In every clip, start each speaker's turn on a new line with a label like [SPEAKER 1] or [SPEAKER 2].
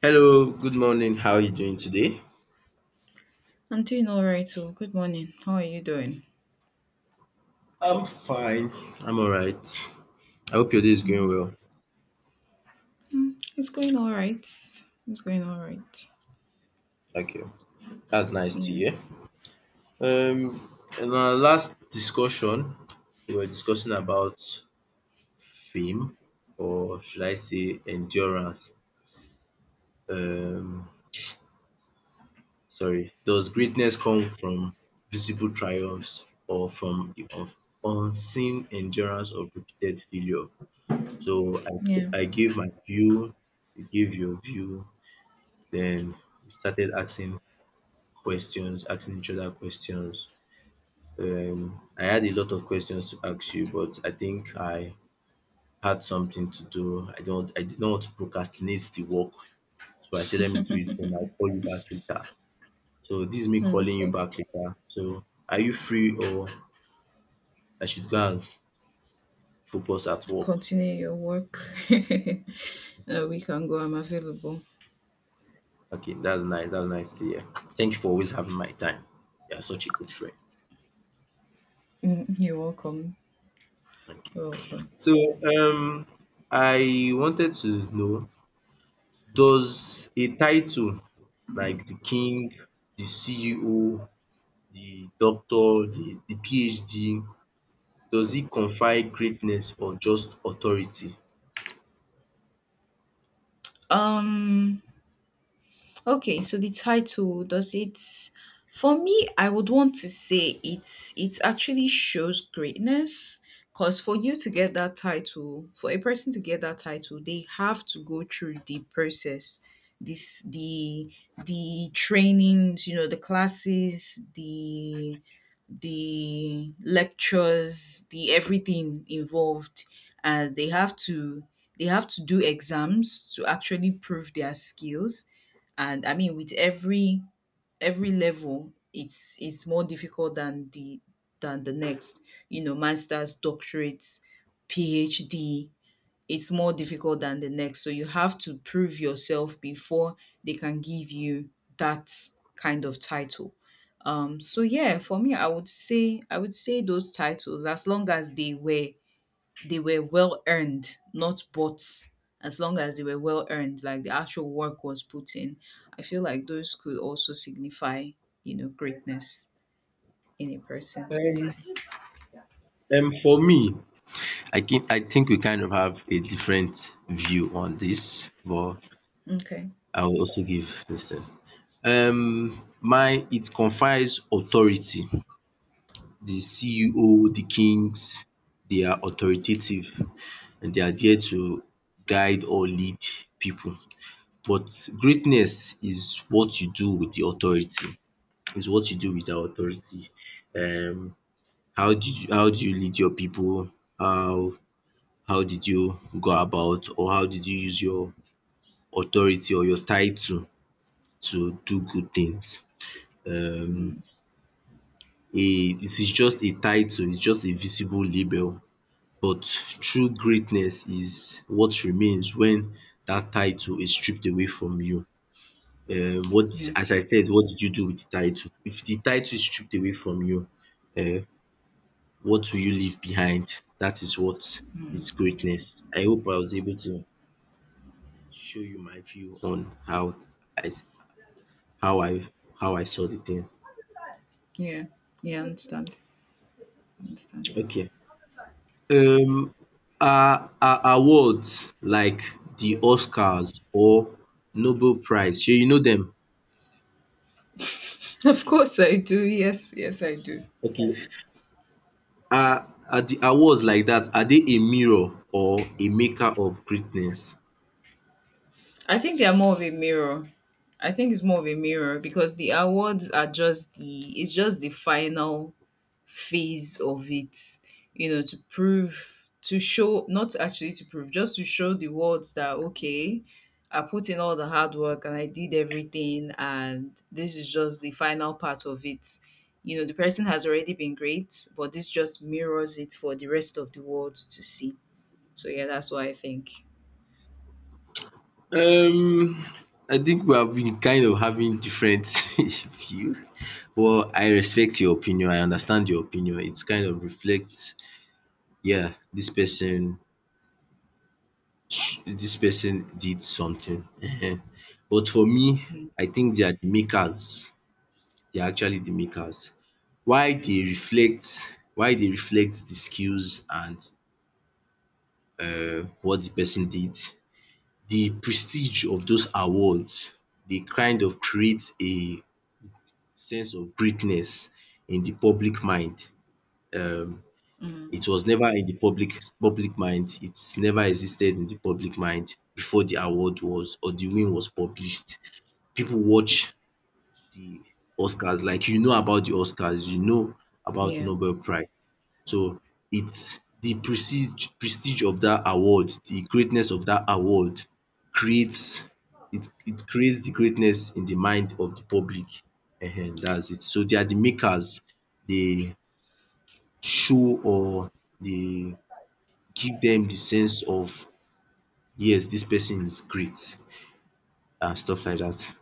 [SPEAKER 1] Hello, good morning. How are you doing today?
[SPEAKER 2] I'm doing all right. So, good morning. How are you doing?
[SPEAKER 1] I'm fine. I'm all right. I hope your day is going
[SPEAKER 2] Mm.
[SPEAKER 1] well.
[SPEAKER 2] It's going all right. It's going all right.
[SPEAKER 1] Okay, that's nice to
[SPEAKER 2] Yeah.
[SPEAKER 1] hear. Um, in our last discussion, we were discussing about fame, or should I say endurance? Um, sorry. Does greatness come from visible triumphs or from the unseen endurance of repeated failure? So I,
[SPEAKER 2] Yeah.
[SPEAKER 1] I gave my view, you gave your view. Then we started asking questions, asking each other questions. I had a lot of questions to ask you, but I think I had something to do. I did not want to procrastinate the work, so I said, let me do it, and I'll call you back later. So this is me calling you
[SPEAKER 2] Okay.
[SPEAKER 1] back later. So are you free, or I should go and focus at work?
[SPEAKER 2] Continue your work. We can go. I'm available.
[SPEAKER 1] Okay, that's nice. That's nice to hear. Thank you for always having my time. You are such a good friend.
[SPEAKER 2] You're welcome.
[SPEAKER 1] Thank you.
[SPEAKER 2] You're welcome.
[SPEAKER 1] So I wanted to know. Does a title like the king, the CEO, the doctor, the PhD, does it confer greatness or just authority?
[SPEAKER 2] Um. Okay, so the title does it, for me I would want to say it actually shows greatness, because for you to get that title, for a person to get that title, they have to go through the process. This the trainings, you know, the classes, the lectures, the everything involved, and they have to do exams to actually prove their skills. And I mean, with every level, it's more difficult than the next. You know, masters, doctorates, PhD, it's more difficult than the next. So you have to prove yourself before they can give you that kind of title. So yeah, for me, I would say those titles, as long as they were well earned, not bought. As long as they were well earned, like the actual work was put in, I feel like those could also signify, you know, greatness in a person.
[SPEAKER 1] Um for me, I think we kind of have a different view on this, but
[SPEAKER 2] Okay.
[SPEAKER 1] I will also give this thing. My it confers authority. The CEO, the kings, they are authoritative, and they are there to guide or lead people. But greatness is what you do with the authority, is what you do with the authority. Um, how did you how do you lead your people? How how did you go about or how did you use your authority or your title to do good things? Um,
[SPEAKER 2] Hmm.
[SPEAKER 1] a it is just a title, it's just a visible label, but true greatness is what remains when that title is stripped away from you. What,
[SPEAKER 2] Yeah.
[SPEAKER 1] as I said, what did you do with the title? If the title is stripped away from you, um, what will you leave behind? That is what is greatness. I hope I was able to show you my view on how I how I I saw the thing.
[SPEAKER 2] Yeah. Yeah, I understand. I understand.
[SPEAKER 1] Okay. Um, are awards like the Oscars or Nobel Prize, shey you know them.
[SPEAKER 2] Of course I do. Yes, yes I do.
[SPEAKER 1] Okay. Are the awards like that, are they a mirror or a maker of greatness?
[SPEAKER 2] I think they are more of a mirror. I think it's more of a mirror, because the awards are just the it's just the final phase of it, you know, to prove to show, not actually to prove, just to show the world that okay, I put in all the hard work and I did everything, and this is just the final part of it. You know, the person has already been great, but this just mirrors it for the rest of the world to see. So yeah, that's what I think.
[SPEAKER 1] Um, I think we have been kind of having different view. Well, I respect your opinion. I understand your opinion. It kind of reflects, yeah, this person did something. Ehen. But for me,
[SPEAKER 2] Yeah.
[SPEAKER 1] I think they are the makers. They are actually the makers. Why they reflect the skills and what the person did. The prestige of those awards, they kind of create a sense of greatness in the public mind. um It
[SPEAKER 2] Mm.
[SPEAKER 1] was never in the public mind. It's never existed in the public mind before the award was or the win was published. People watch the Oscars. Like, you know about the Oscars, you know about
[SPEAKER 2] Yeah.
[SPEAKER 1] Nobel prize. So it's the prestige of that award, the greatness of that award creates it creates the greatness in the mind of the public. Ehen, that's it. So they are the makers. They show or they give them the sense of, yes, this person is great and stuff like that.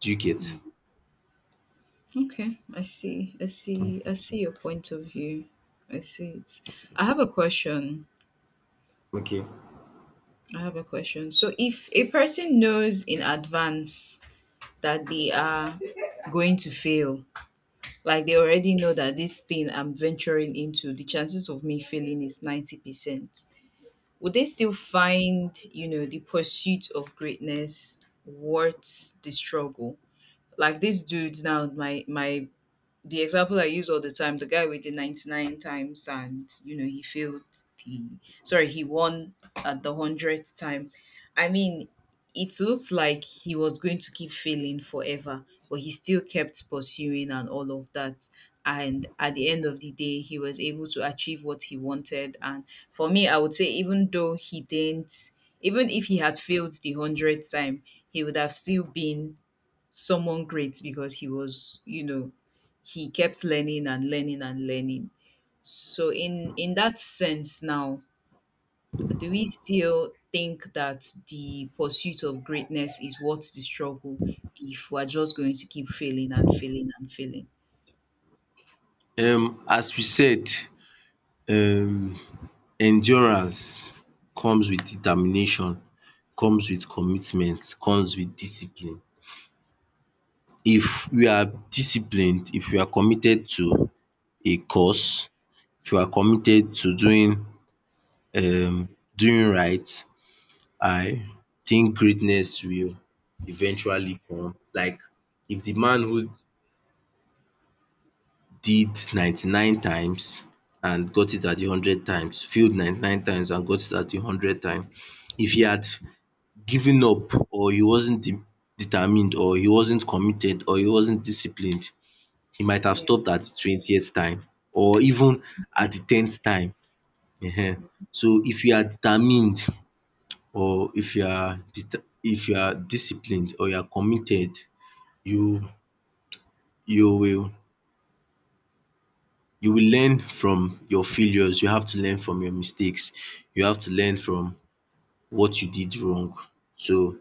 [SPEAKER 1] Do you get?
[SPEAKER 2] Mm. Okay. I see. I see. I see your point of view. I see it. I have a question.
[SPEAKER 1] Okay.
[SPEAKER 2] I have a question. So, if a person knows in advance that they are going to fail, like they already know that this thing I'm venturing into, the chances of me failing is 90%, would they still find, you know, the pursuit of greatness worth the struggle? Like this dude now, my the example I use all the time, the guy with the 99 times and, you know, he failed the, he won at the 100th time. I mean, it looked like he was going to keep failing forever, but he still kept pursuing and all of that. And at the end of the day, he was able to achieve what he wanted. And for me, I would say, even though he didn't, even if he had failed the 100th time, he would have still been someone great, because he was, you know, he kept learning and learning and learning. So in that sense now, do we still think that the pursuit of greatness is worth the struggle if we're just going to keep failing and failing and failing?
[SPEAKER 1] As we said, um endurance comes with determination, comes with commitment, comes with discipline. If we are disciplined, if we are committed to a cause, if we are committed to doing um doing right, I think greatness will eventually come. Like if the man who did 99 times and got it at the hundred times, failed 99 times and got it at the hundred time, if he had giving up or he wasn't determined or he wasn't committed or he wasn't disciplined, he might have
[SPEAKER 2] Yeah.
[SPEAKER 1] stopped at the 20th time or even at the 10th time. Ehen. So if you are determined or if you are if you are disciplined or you are committed, you you will you will learn from your failures. You have to learn from your mistakes. You have to learn from what you did wrong. So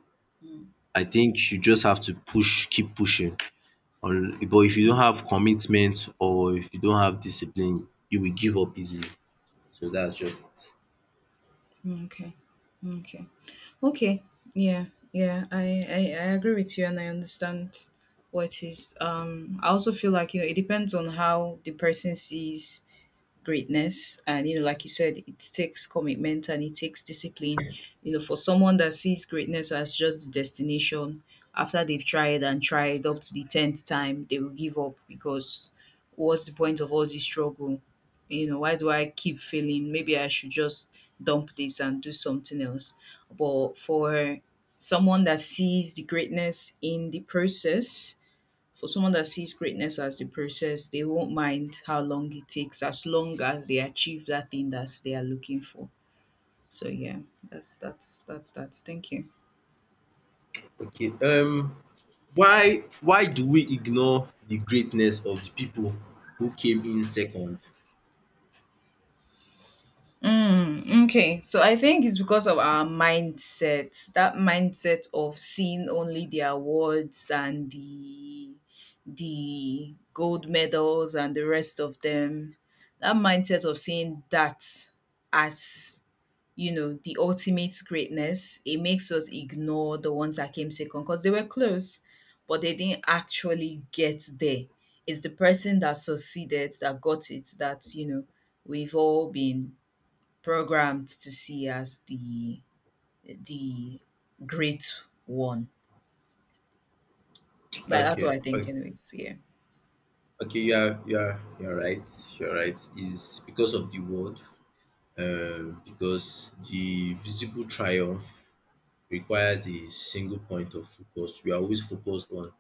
[SPEAKER 1] I think you just have to push, keep pushing. Or but if you don't have commitment or if you don't have discipline, you will give up easily. So that's just
[SPEAKER 2] Okay. Okay. Okay. Yeah. Yeah. I agree with you, and I understand what it is. I also feel like, you know, it depends on how the person sees greatness, and you know, like you said, it takes commitment and it takes discipline. You know, for someone that sees greatness as just the destination, after they've tried and tried up to the 10th time, they will give up because what's the point of all this struggle? You know, why do I keep failing? Maybe I should just dump this and do something else. But for someone that sees the greatness in the process, for someone that sees greatness as the process, they won't mind how long it takes as long as they achieve that thing that they are looking for. So yeah, that's that. Thank you.
[SPEAKER 1] it. Okay, why do we ignore the greatness of the people who came in second?
[SPEAKER 2] Okay, so I think it's because of our mindset. That mindset of seeing only the awards and the gold medals and the rest of them. That mindset of seeing that as, you know, the ultimate greatness, it makes us ignore the ones that came second because they were close, but they didn't actually get there. It's the person that succeeded, that got it, that, you know, we've all been programmed to see as the great one. That's
[SPEAKER 1] Okay,
[SPEAKER 2] what I think
[SPEAKER 1] okay,
[SPEAKER 2] anyways. Yeah.
[SPEAKER 1] okay, you're right, you're right. Is because of the world, because the visible triumph requires a single point of focus. We are always focused on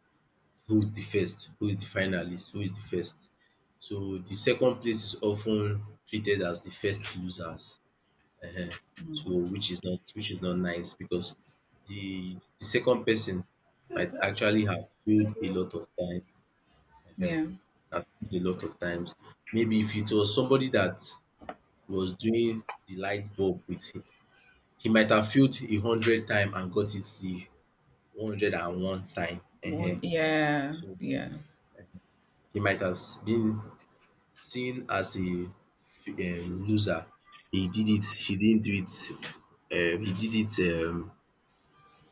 [SPEAKER 1] who is the first, who is the finalist, who is the first. So the second place is often treated as the first losers. um
[SPEAKER 2] Mm.
[SPEAKER 1] So which is not nice because the second person might actually have failed a lot of times. um
[SPEAKER 2] Yeah.
[SPEAKER 1] Have failed a lot of times. Maybe if it was somebody that was doing the light bulb with him, he might have failed a hundred time and got it the 101 time.
[SPEAKER 2] One, yeah.
[SPEAKER 1] So
[SPEAKER 2] Yeah.
[SPEAKER 1] he might have been seen as a loser. He did it. He didn't do it, he did it,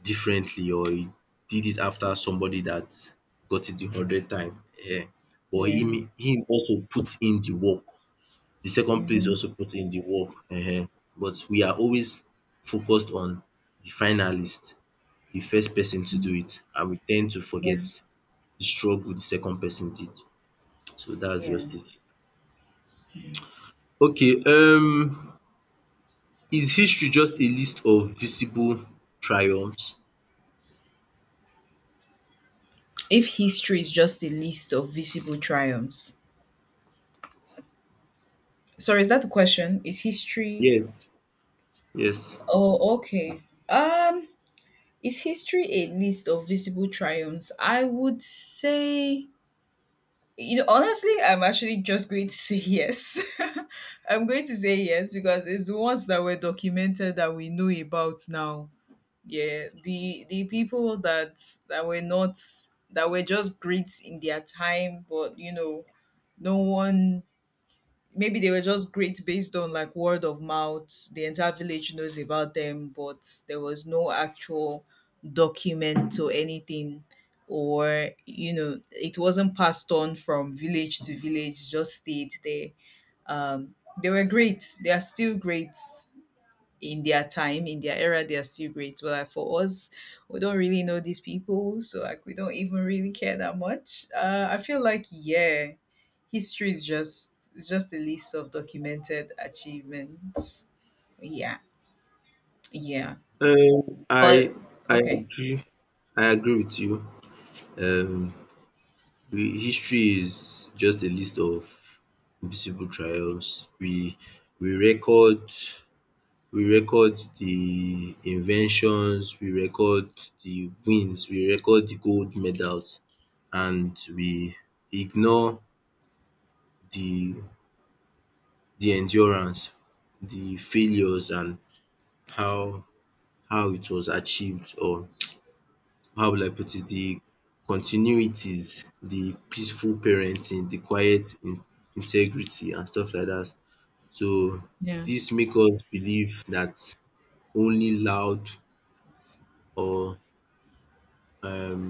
[SPEAKER 1] differently, or he did it after somebody that got it the hundred time. um But
[SPEAKER 2] Yeah.
[SPEAKER 1] him also put in the work. The second place
[SPEAKER 2] Hmm.
[SPEAKER 1] also put in the work. But we are always focused on the finalist, the first person to do it, and we tend to forget
[SPEAKER 2] Yeah.
[SPEAKER 1] the struggle the second person did. So that's
[SPEAKER 2] Yeah.
[SPEAKER 1] just it. Okay, is history just a list of visible triumphs?
[SPEAKER 2] If history is just a list of visible triumphs, sorry, is that the question? Is history?
[SPEAKER 1] Yes, yes.
[SPEAKER 2] Oh, okay. Um, is history a list of visible triumphs? I would say, you know, honestly, I'm actually just going to say yes. I'm going to say yes because it's the ones that were documented that we know about now. Yeah, the people that that were not that were just great in their time, but you know, no one, maybe they were just great based on like word of mouth, the entire village knows about them, but there was no actual document or anything, or you know, it wasn't passed on from village to village, it just stayed there. um they were great, they are still great in their time, in their era, they are still great. But like for us, we don't really know these people, so like we don't even really care that much. I feel like yeah, history is just a list of documented achievements. Yeah, yeah.
[SPEAKER 1] Um, I
[SPEAKER 2] 'Cause-
[SPEAKER 1] I
[SPEAKER 2] okay,
[SPEAKER 1] agree. I agree with you. Um, we, history is just a list of visible triumphs. We record we record the inventions, we record the wins, we record the gold medals, and we ignore the endurance, the failures, and how it was achieved, or how will I put it, the continuities, the peaceful parenting, the quiet in integrity and stuff like that. So
[SPEAKER 2] yeah,
[SPEAKER 1] dis make us believe that only loud or um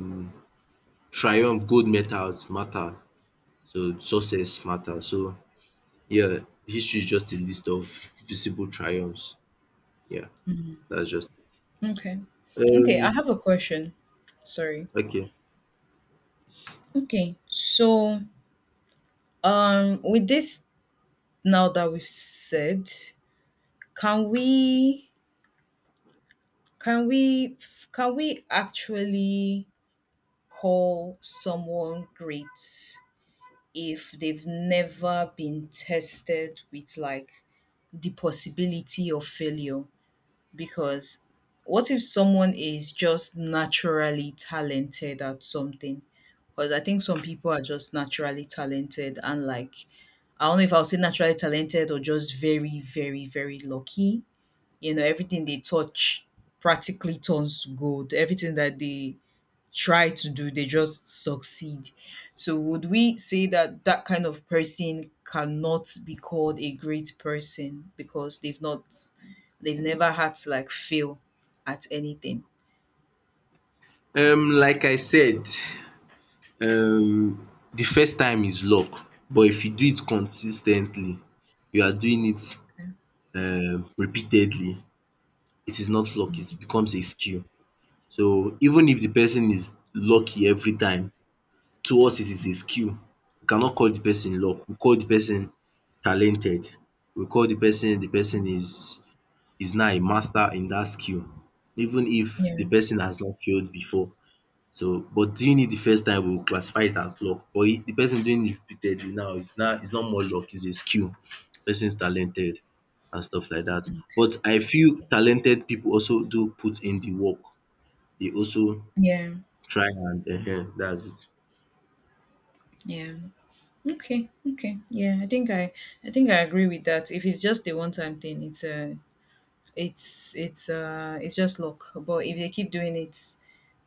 [SPEAKER 1] triumph, gold medals matter. So success matter. So yeah, history is just a list of visible triumphs. Yeah, that's just
[SPEAKER 2] okay,
[SPEAKER 1] it.
[SPEAKER 2] okay. I have a question. Sorry.
[SPEAKER 1] Okay.
[SPEAKER 2] Okay, so with this, now that we've said, can we, Can we can we actually call someone great if they've never been tested with like the possibility of failure? Because what if someone is just naturally talented at something? Because I think some people are just naturally talented, and like I don't know if I'll say naturally talented or just very, very, very lucky. You know, everything they touch practically turns to gold. Everything that they try to do, they just succeed. So, would we say that that kind of person cannot be called a great person because they've never had to like fail at anything?
[SPEAKER 1] Like I said, um the first time is luck, but if you do it consis ten tly, you are doing it repeatedly, it is not luck, it
[SPEAKER 2] Mm,
[SPEAKER 1] becomes a skill. So even if the person is lucky every time, to us it is a skill. We cannot call the person luck, we call the person talented. We call the person is now a master in that skill, even if the
[SPEAKER 2] Yeah.
[SPEAKER 1] person has not failed before. So, but doing it the first time we will classify it as luck, but the person doing it repeatedly now is not more luck, it's a skill. Person is talented and stuff like that.
[SPEAKER 2] Okay.
[SPEAKER 1] But I feel talented people also do put in the work. They also
[SPEAKER 2] Yeah.
[SPEAKER 1] try and dats it.
[SPEAKER 2] Yeah. Okay. Okay. Yeah. I think I agree with that. If it's just a one-time thing, it's a, it's it's just luck. But if they keep doing it,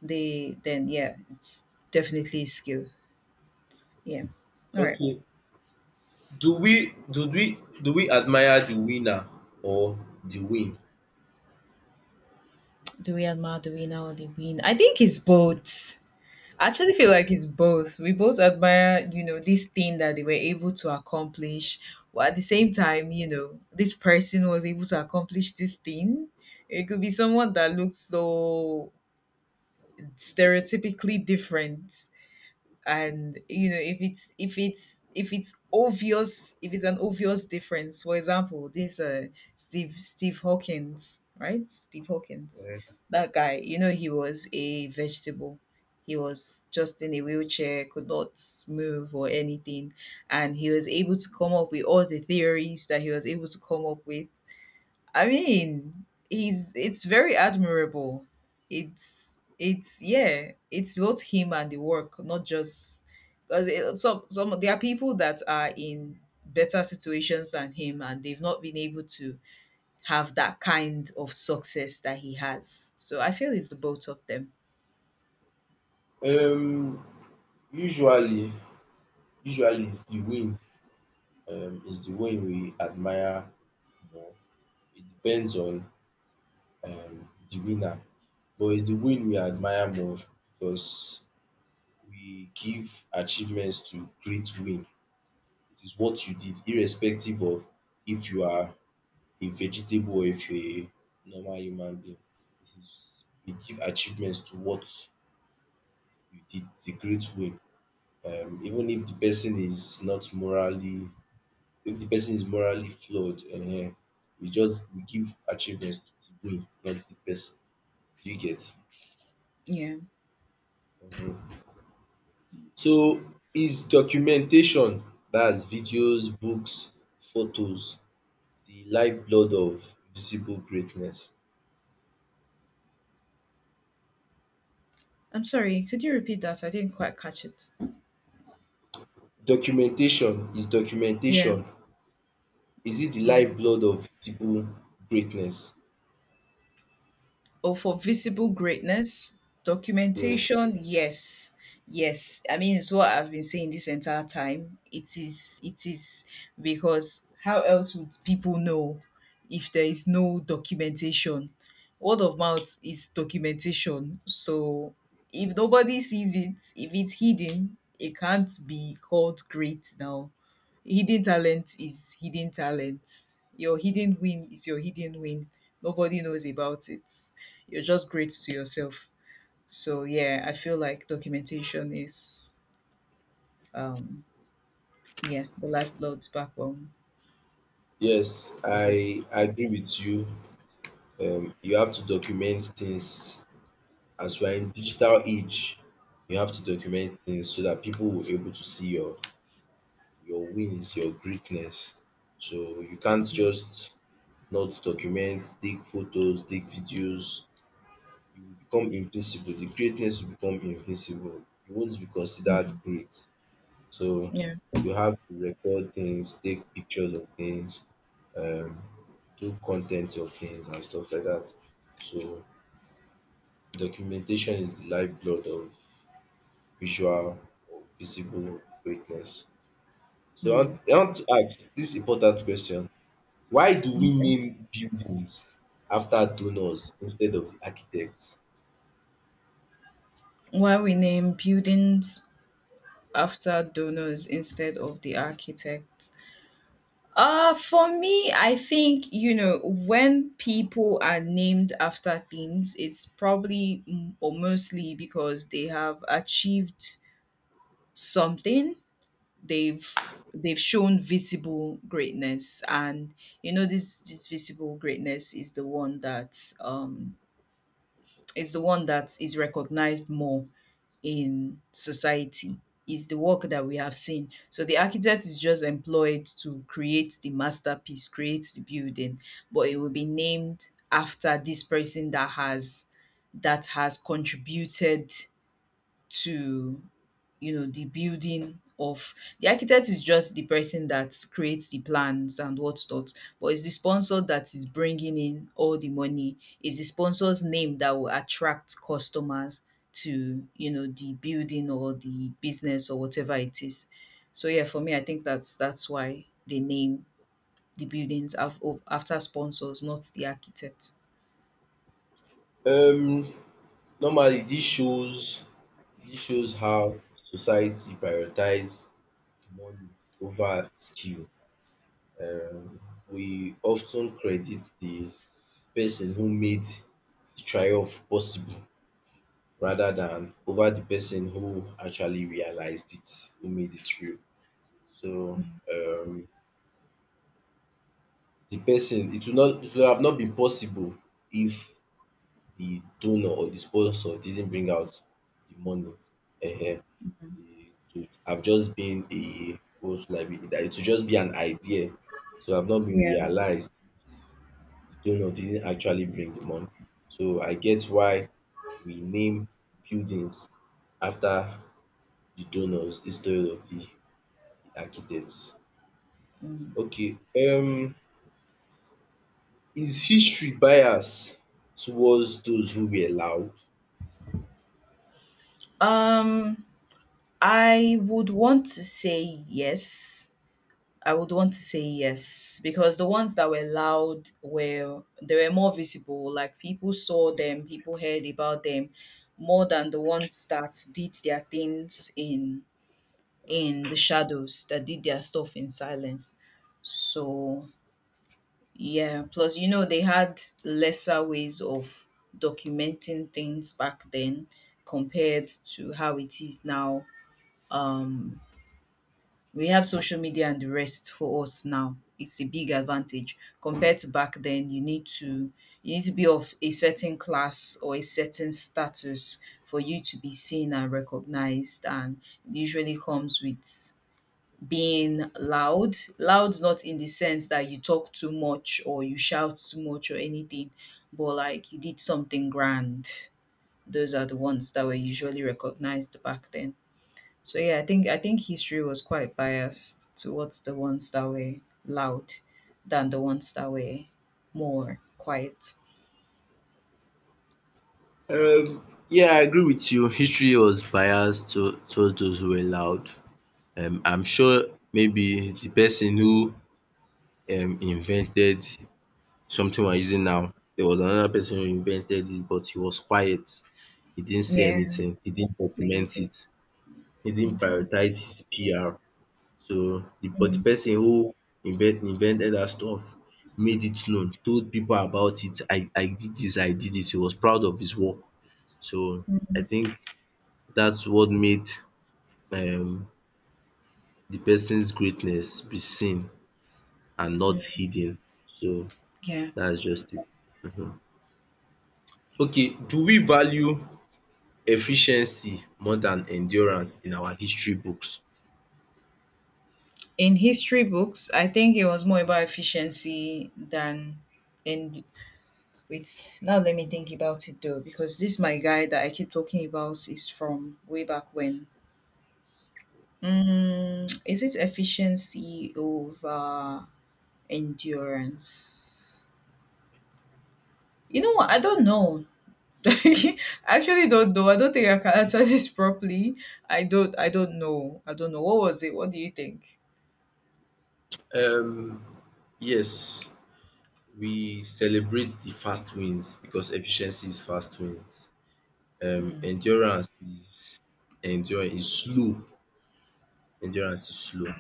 [SPEAKER 2] they then yeah, it's definitely a skill. Yeah. All right.
[SPEAKER 1] Okay. Do we admire the winner or the win?
[SPEAKER 2] Do we admire the winner or the win? I think it's both. I actually feel like it's both. We both admire, you know, this thing that they were able to accomplish. While at the same time, you know, this person was able to accomplish this thing. It could be someone that looks so stereotypically different, and you know, if it's obvious, if it's an obvious difference. For example, this Steve Hawkins, right? Steve Hawkins,
[SPEAKER 1] Eh,
[SPEAKER 2] that guy, you know, he was a vegetable, he was just in a wheelchair, could not move or anything, and he was able to come up with all the theories that he was able to come up with. I mean, he's it's very admirable. It's yeah, it's both him and the work, not just because some there are people that are in better situations than him, and they've not been able to have that kind of success that he has. So I feel it's the both of them.
[SPEAKER 1] um usually, it's the win. It's the win we admire more. It depends on the winner, but it's the win we admire more because we give achievements to great win. It is what you did irrespective of if you are a vegetable or if you're a normal human being. It is we give achievements to what you did, the great win. Even if the person is not morally if the person is morally flawed, we just we give achievements to the win, not the person. Do you get?
[SPEAKER 2] Yeah.
[SPEAKER 1] um So is documentation, dats videos, books, photos the lifeblood of visible greatness.
[SPEAKER 2] I'm sorry. Could you repeat that? I didn't quite catch it.
[SPEAKER 1] Documentation is
[SPEAKER 2] Yeah.
[SPEAKER 1] it the
[SPEAKER 2] Mm.
[SPEAKER 1] lifeblood of visible greatness?
[SPEAKER 2] Oh, for visible greatness,
[SPEAKER 1] Yes.
[SPEAKER 2] documentation, yes. Yes. I mean, it's what I've been saying this entire time. It is, it is, because how else would people know if there is no documentation? Word of mouth is documentation. So if nobody sees it, if it's hidden, it can't be called great now. Hidden talent is hidden talent. Your hidden win is your hidden win. Nobody knows about it, you're just great to yourself. So yeah, I feel like documentation is, um yeah, the lifeblood, backbone
[SPEAKER 1] Yes,
[SPEAKER 2] of it.
[SPEAKER 1] I agree with you. You have to document things as we are in digital age. You have to document things so that people will able to see your wins, your greatness. So you can't just not to document, take photos, take videos, you will become invisible. The greatness will become invisible. You won't be considered
[SPEAKER 2] Mm,
[SPEAKER 1] great. So
[SPEAKER 2] yeah.
[SPEAKER 1] you have to record things, take pictures of things, um, do content of things and stuff like that. So documentation is the lifeblood of visual or visible greatness. So
[SPEAKER 2] Hmm.
[SPEAKER 1] I want to ask this important question. Why do we
[SPEAKER 2] Okay.
[SPEAKER 1] name buildings after donors instead of the architects?
[SPEAKER 2] Why we name buildings after donors instead of the architects? For me, I think, you know, when people are named after things, it's probably mm, or mostly because they have achieved something they've they've shown visible greatness, and you know this visible greatness is the one that is the one that is recognized more in society, is the work that we have seen. So the architect is just employed to create the masterpiece, create the building, but it will be named after this person that has, that has contributed to, you know, the building. Of the architect is just the person that creates the plans and what's not, but it's the sponsor that is bringing in all the money. It's the sponsor's name that will attract customers to, you know, the building or the business or whatever it is. So yeah, for me I think that's why they name the buildings after sponsors, not the architect.
[SPEAKER 1] Um, normally this shows how society prioritize money over skill. Um, we often credit the person who made the triumph possible rather than over the person who actually realized it, who made it real. So um, the person it will have not been possible if the donor or the sponsor didn't bring out the money. um it would have just been a what should I be that it would just be an idea to have not been
[SPEAKER 2] Yeah.
[SPEAKER 1] realized. The donor didn't actually bring the money, so I get why we name buildings after the donors instead of the architects. Okay. Is history bias towards those who were loud?
[SPEAKER 2] um I would want to say yes. I would want to say yes because the ones that were loud were, they were more visible. Like people saw them, people heard about them more than the ones that did their things in the shadows, that did their stuff in silence. So yeah, plus you know they had lesser ways of documenting things back then compared to how it is now. Um we have social media and the rest for us now. It's a big advantage compared to back then. You need to, you need to be of a certain class or a certain status for you to be seen and recognized, and it usually comes with being loud. Loud not in the sense that you talk too much or you shout too much or anything, but like you did something grand. Those are the ones that were usually recognized back then. So yeah, I think history was quite biased towards the ones that were loud than the ones that were more quiet.
[SPEAKER 1] Yeah, I agree with you. History was biased to towards those who were loud. I'm sure maybe the person who invented something we're using now, there was another person who invented it, but he was quiet. He didn't say
[SPEAKER 2] Yeah,
[SPEAKER 1] anything. He didn't document
[SPEAKER 2] anything.
[SPEAKER 1] it. He didn't
[SPEAKER 2] Mhm,
[SPEAKER 1] prioritize his PR. So, but the
[SPEAKER 2] mhm,
[SPEAKER 1] person who invented that stuff made it known, told people about it. I did this, I did this. He was proud of his work. So, I
[SPEAKER 2] mhm.
[SPEAKER 1] think that's what made um, the person's greatness be seen and not hidden. So
[SPEAKER 2] Yeah.
[SPEAKER 1] that's just it.
[SPEAKER 2] Yeah.
[SPEAKER 1] Okay, do we value efficiency more than endurance in our history books?
[SPEAKER 2] In history books, I think it was more about efficiency than in, wait. Now let me think about it though, because this my guy that I keep talking about is from way back when. Mm, is it efficiency over endurance? You know what? I don't know. I actually don't know. I don't think I can answer this properly. I don't. I don't know. I don't know. What was it? What do you think?
[SPEAKER 1] Um, yes, we celebrate the fast wins because efficiency is fast wins. Endurance is endurance is slow. Endurance is slow.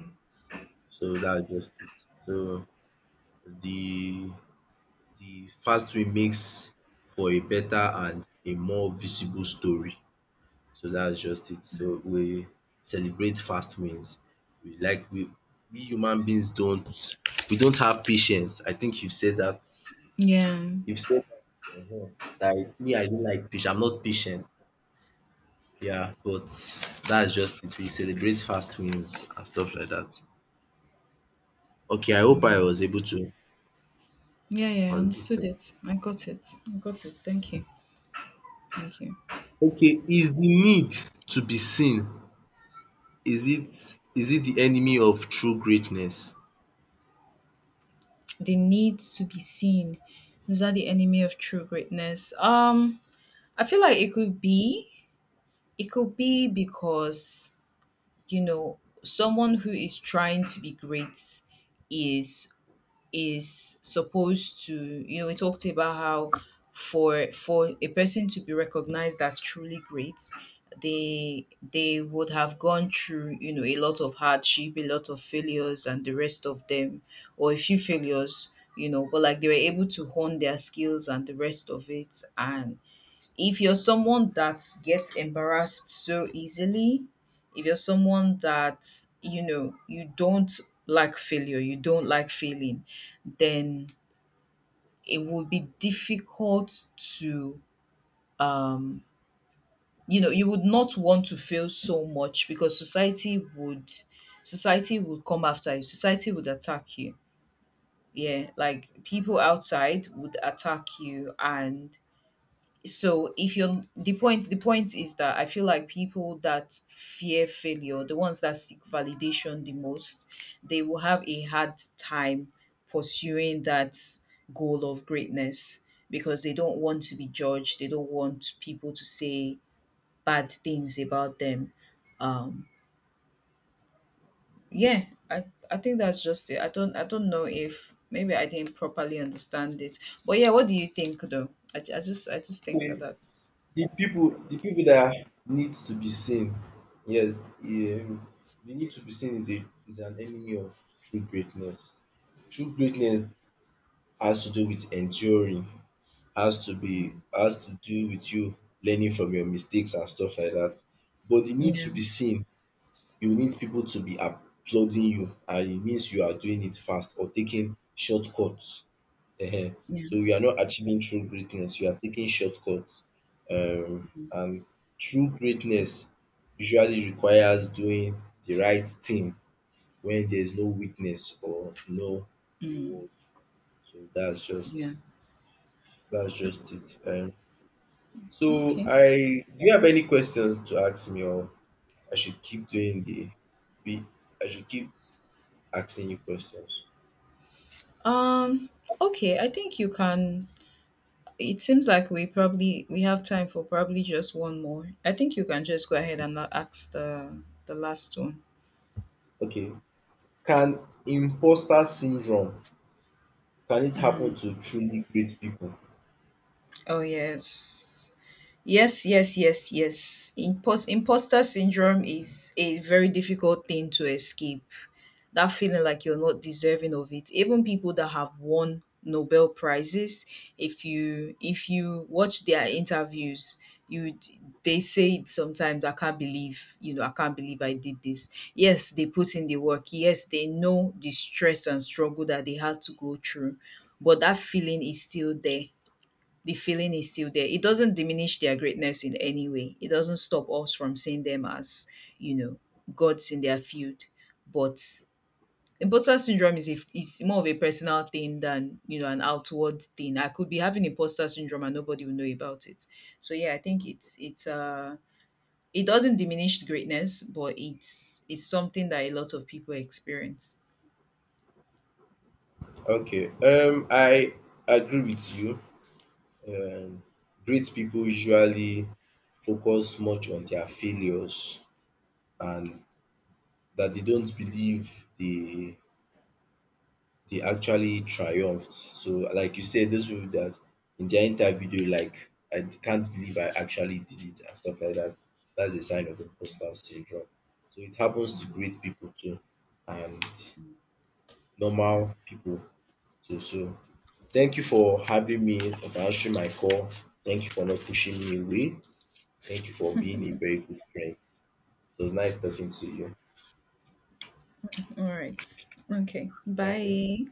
[SPEAKER 1] So that's just it. So the the fast way makes for a better and a more visible story. So that's just it. So we celebrate fast wins. We like we we human beings don't, we don't have patience. I think you've said that.
[SPEAKER 2] Yeah.
[SPEAKER 1] You've said that. Ehen. Like me, I don't like patience. I'm not patient. Yeah, but that's just it. We celebrate fast wins and stuff like that. Okay, I hope I
[SPEAKER 2] Mm.
[SPEAKER 1] was able to
[SPEAKER 2] Yeah, yeah, I
[SPEAKER 1] on this
[SPEAKER 2] understood
[SPEAKER 1] thing.
[SPEAKER 2] it. I got it. I got it. Thank you. Thank you.
[SPEAKER 1] Okay, is the need to be seen, is it the enemy of true greatness?
[SPEAKER 2] The need to be seen. Is that the enemy of true greatness? I feel like it could be. It could be because, you know, someone who is trying to be great is supposed to, you know, we talked about how for a person to be recognized as truly great, they they would have gone through, you know, a lot of hardship, a lot of failures and the rest of them, or a few failures, you know, but like they were able to hone their skills and the rest of it. And if you're someone that gets embarrassed so easily, if you're someone that, you know, you don't like failure, you don't like failing, then it would be difficult to, um, you know, you would not want to fail so much because society would come after you, society would attack you. Yeah, like people outside would attack you. And so if you're, the point is that I feel like people that fear failure, the ones that seek validation the most, they will have a hard time pursuing that goal of greatness because they don't want to be judged, they don't want people to say bad things about them. um yeah. I i think that's just it. I don't know if maybe I didn't properly understand it, but yeah, what do you think though? I just think that that's
[SPEAKER 1] The
[SPEAKER 2] what I would
[SPEAKER 1] people,
[SPEAKER 2] say.
[SPEAKER 1] the people that need to be seen, yes, the need to be seen is a is an enemy of true greatness. True greatness has to do with enduring,
[SPEAKER 2] Hmm.
[SPEAKER 1] has to do with you learning from your mistakes and stuff like that. But the need to
[SPEAKER 2] Yeah,
[SPEAKER 1] be seen, you need people to be applauding you, and it means you are doing it fast or taking shortcuts. Ehen.
[SPEAKER 2] yeah.
[SPEAKER 1] So you are not achieving true greatness, you are taking shortcuts. Um
[SPEAKER 2] Mhm.
[SPEAKER 1] and true greatness usually requires doing the right thing when there is no witness or no
[SPEAKER 2] Mm,
[SPEAKER 1] reward. So
[SPEAKER 2] yeah.
[SPEAKER 1] that's just it. So
[SPEAKER 2] Okay.
[SPEAKER 1] I do you have any questions to ask me, or I should keep doing the be I should keep asking you questions?
[SPEAKER 2] Um, okay, I think you can, it seems like we have time for probably just one more. I think you can just go ahead and not ask the last one.
[SPEAKER 1] Okay. Can imposter syndrome, can it happen to truly great people?
[SPEAKER 2] Oh yes. Yes, yes, yes, yes. Imposter syndrome is a very difficult thing to escape. That feeling like you're not deserving of it. Even people that have won Nobel prizes, if you watch their interviews, you they say it sometimes. I can't believe, you know, I can't believe I did this. Yes, they put in the work. Yes, they know the stress and struggle that they had to go through, but that feeling is still there. The feeling is still there. It doesn't diminish their greatness in any way. It doesn't stop us from seeing them as, you know, gods in their field. But imposter syndrome is a is more of a personal thing than, you know, an outward thing. I could be having imposter syndrome and nobody will know about it. So yeah, I think it's it's it doesn't diminish greatness, but it's something that a lot of people experience.
[SPEAKER 1] Okay. I agree with you. Um, Great people usually focus much on their failures and that they don't believe they they actually triumphed. So, like you said, those people that in their interview they were like, I can't believe I actually did it and stuff like that. That's a sign of imposter syndrome. So it happens to great people too and normal people too. So thank you for having me and for answering my call. Thank you for not pushing me away. Thank you for being a very good friend. It was nice talking to you.
[SPEAKER 2] All right. Okay.
[SPEAKER 1] Bye.
[SPEAKER 2] Bye.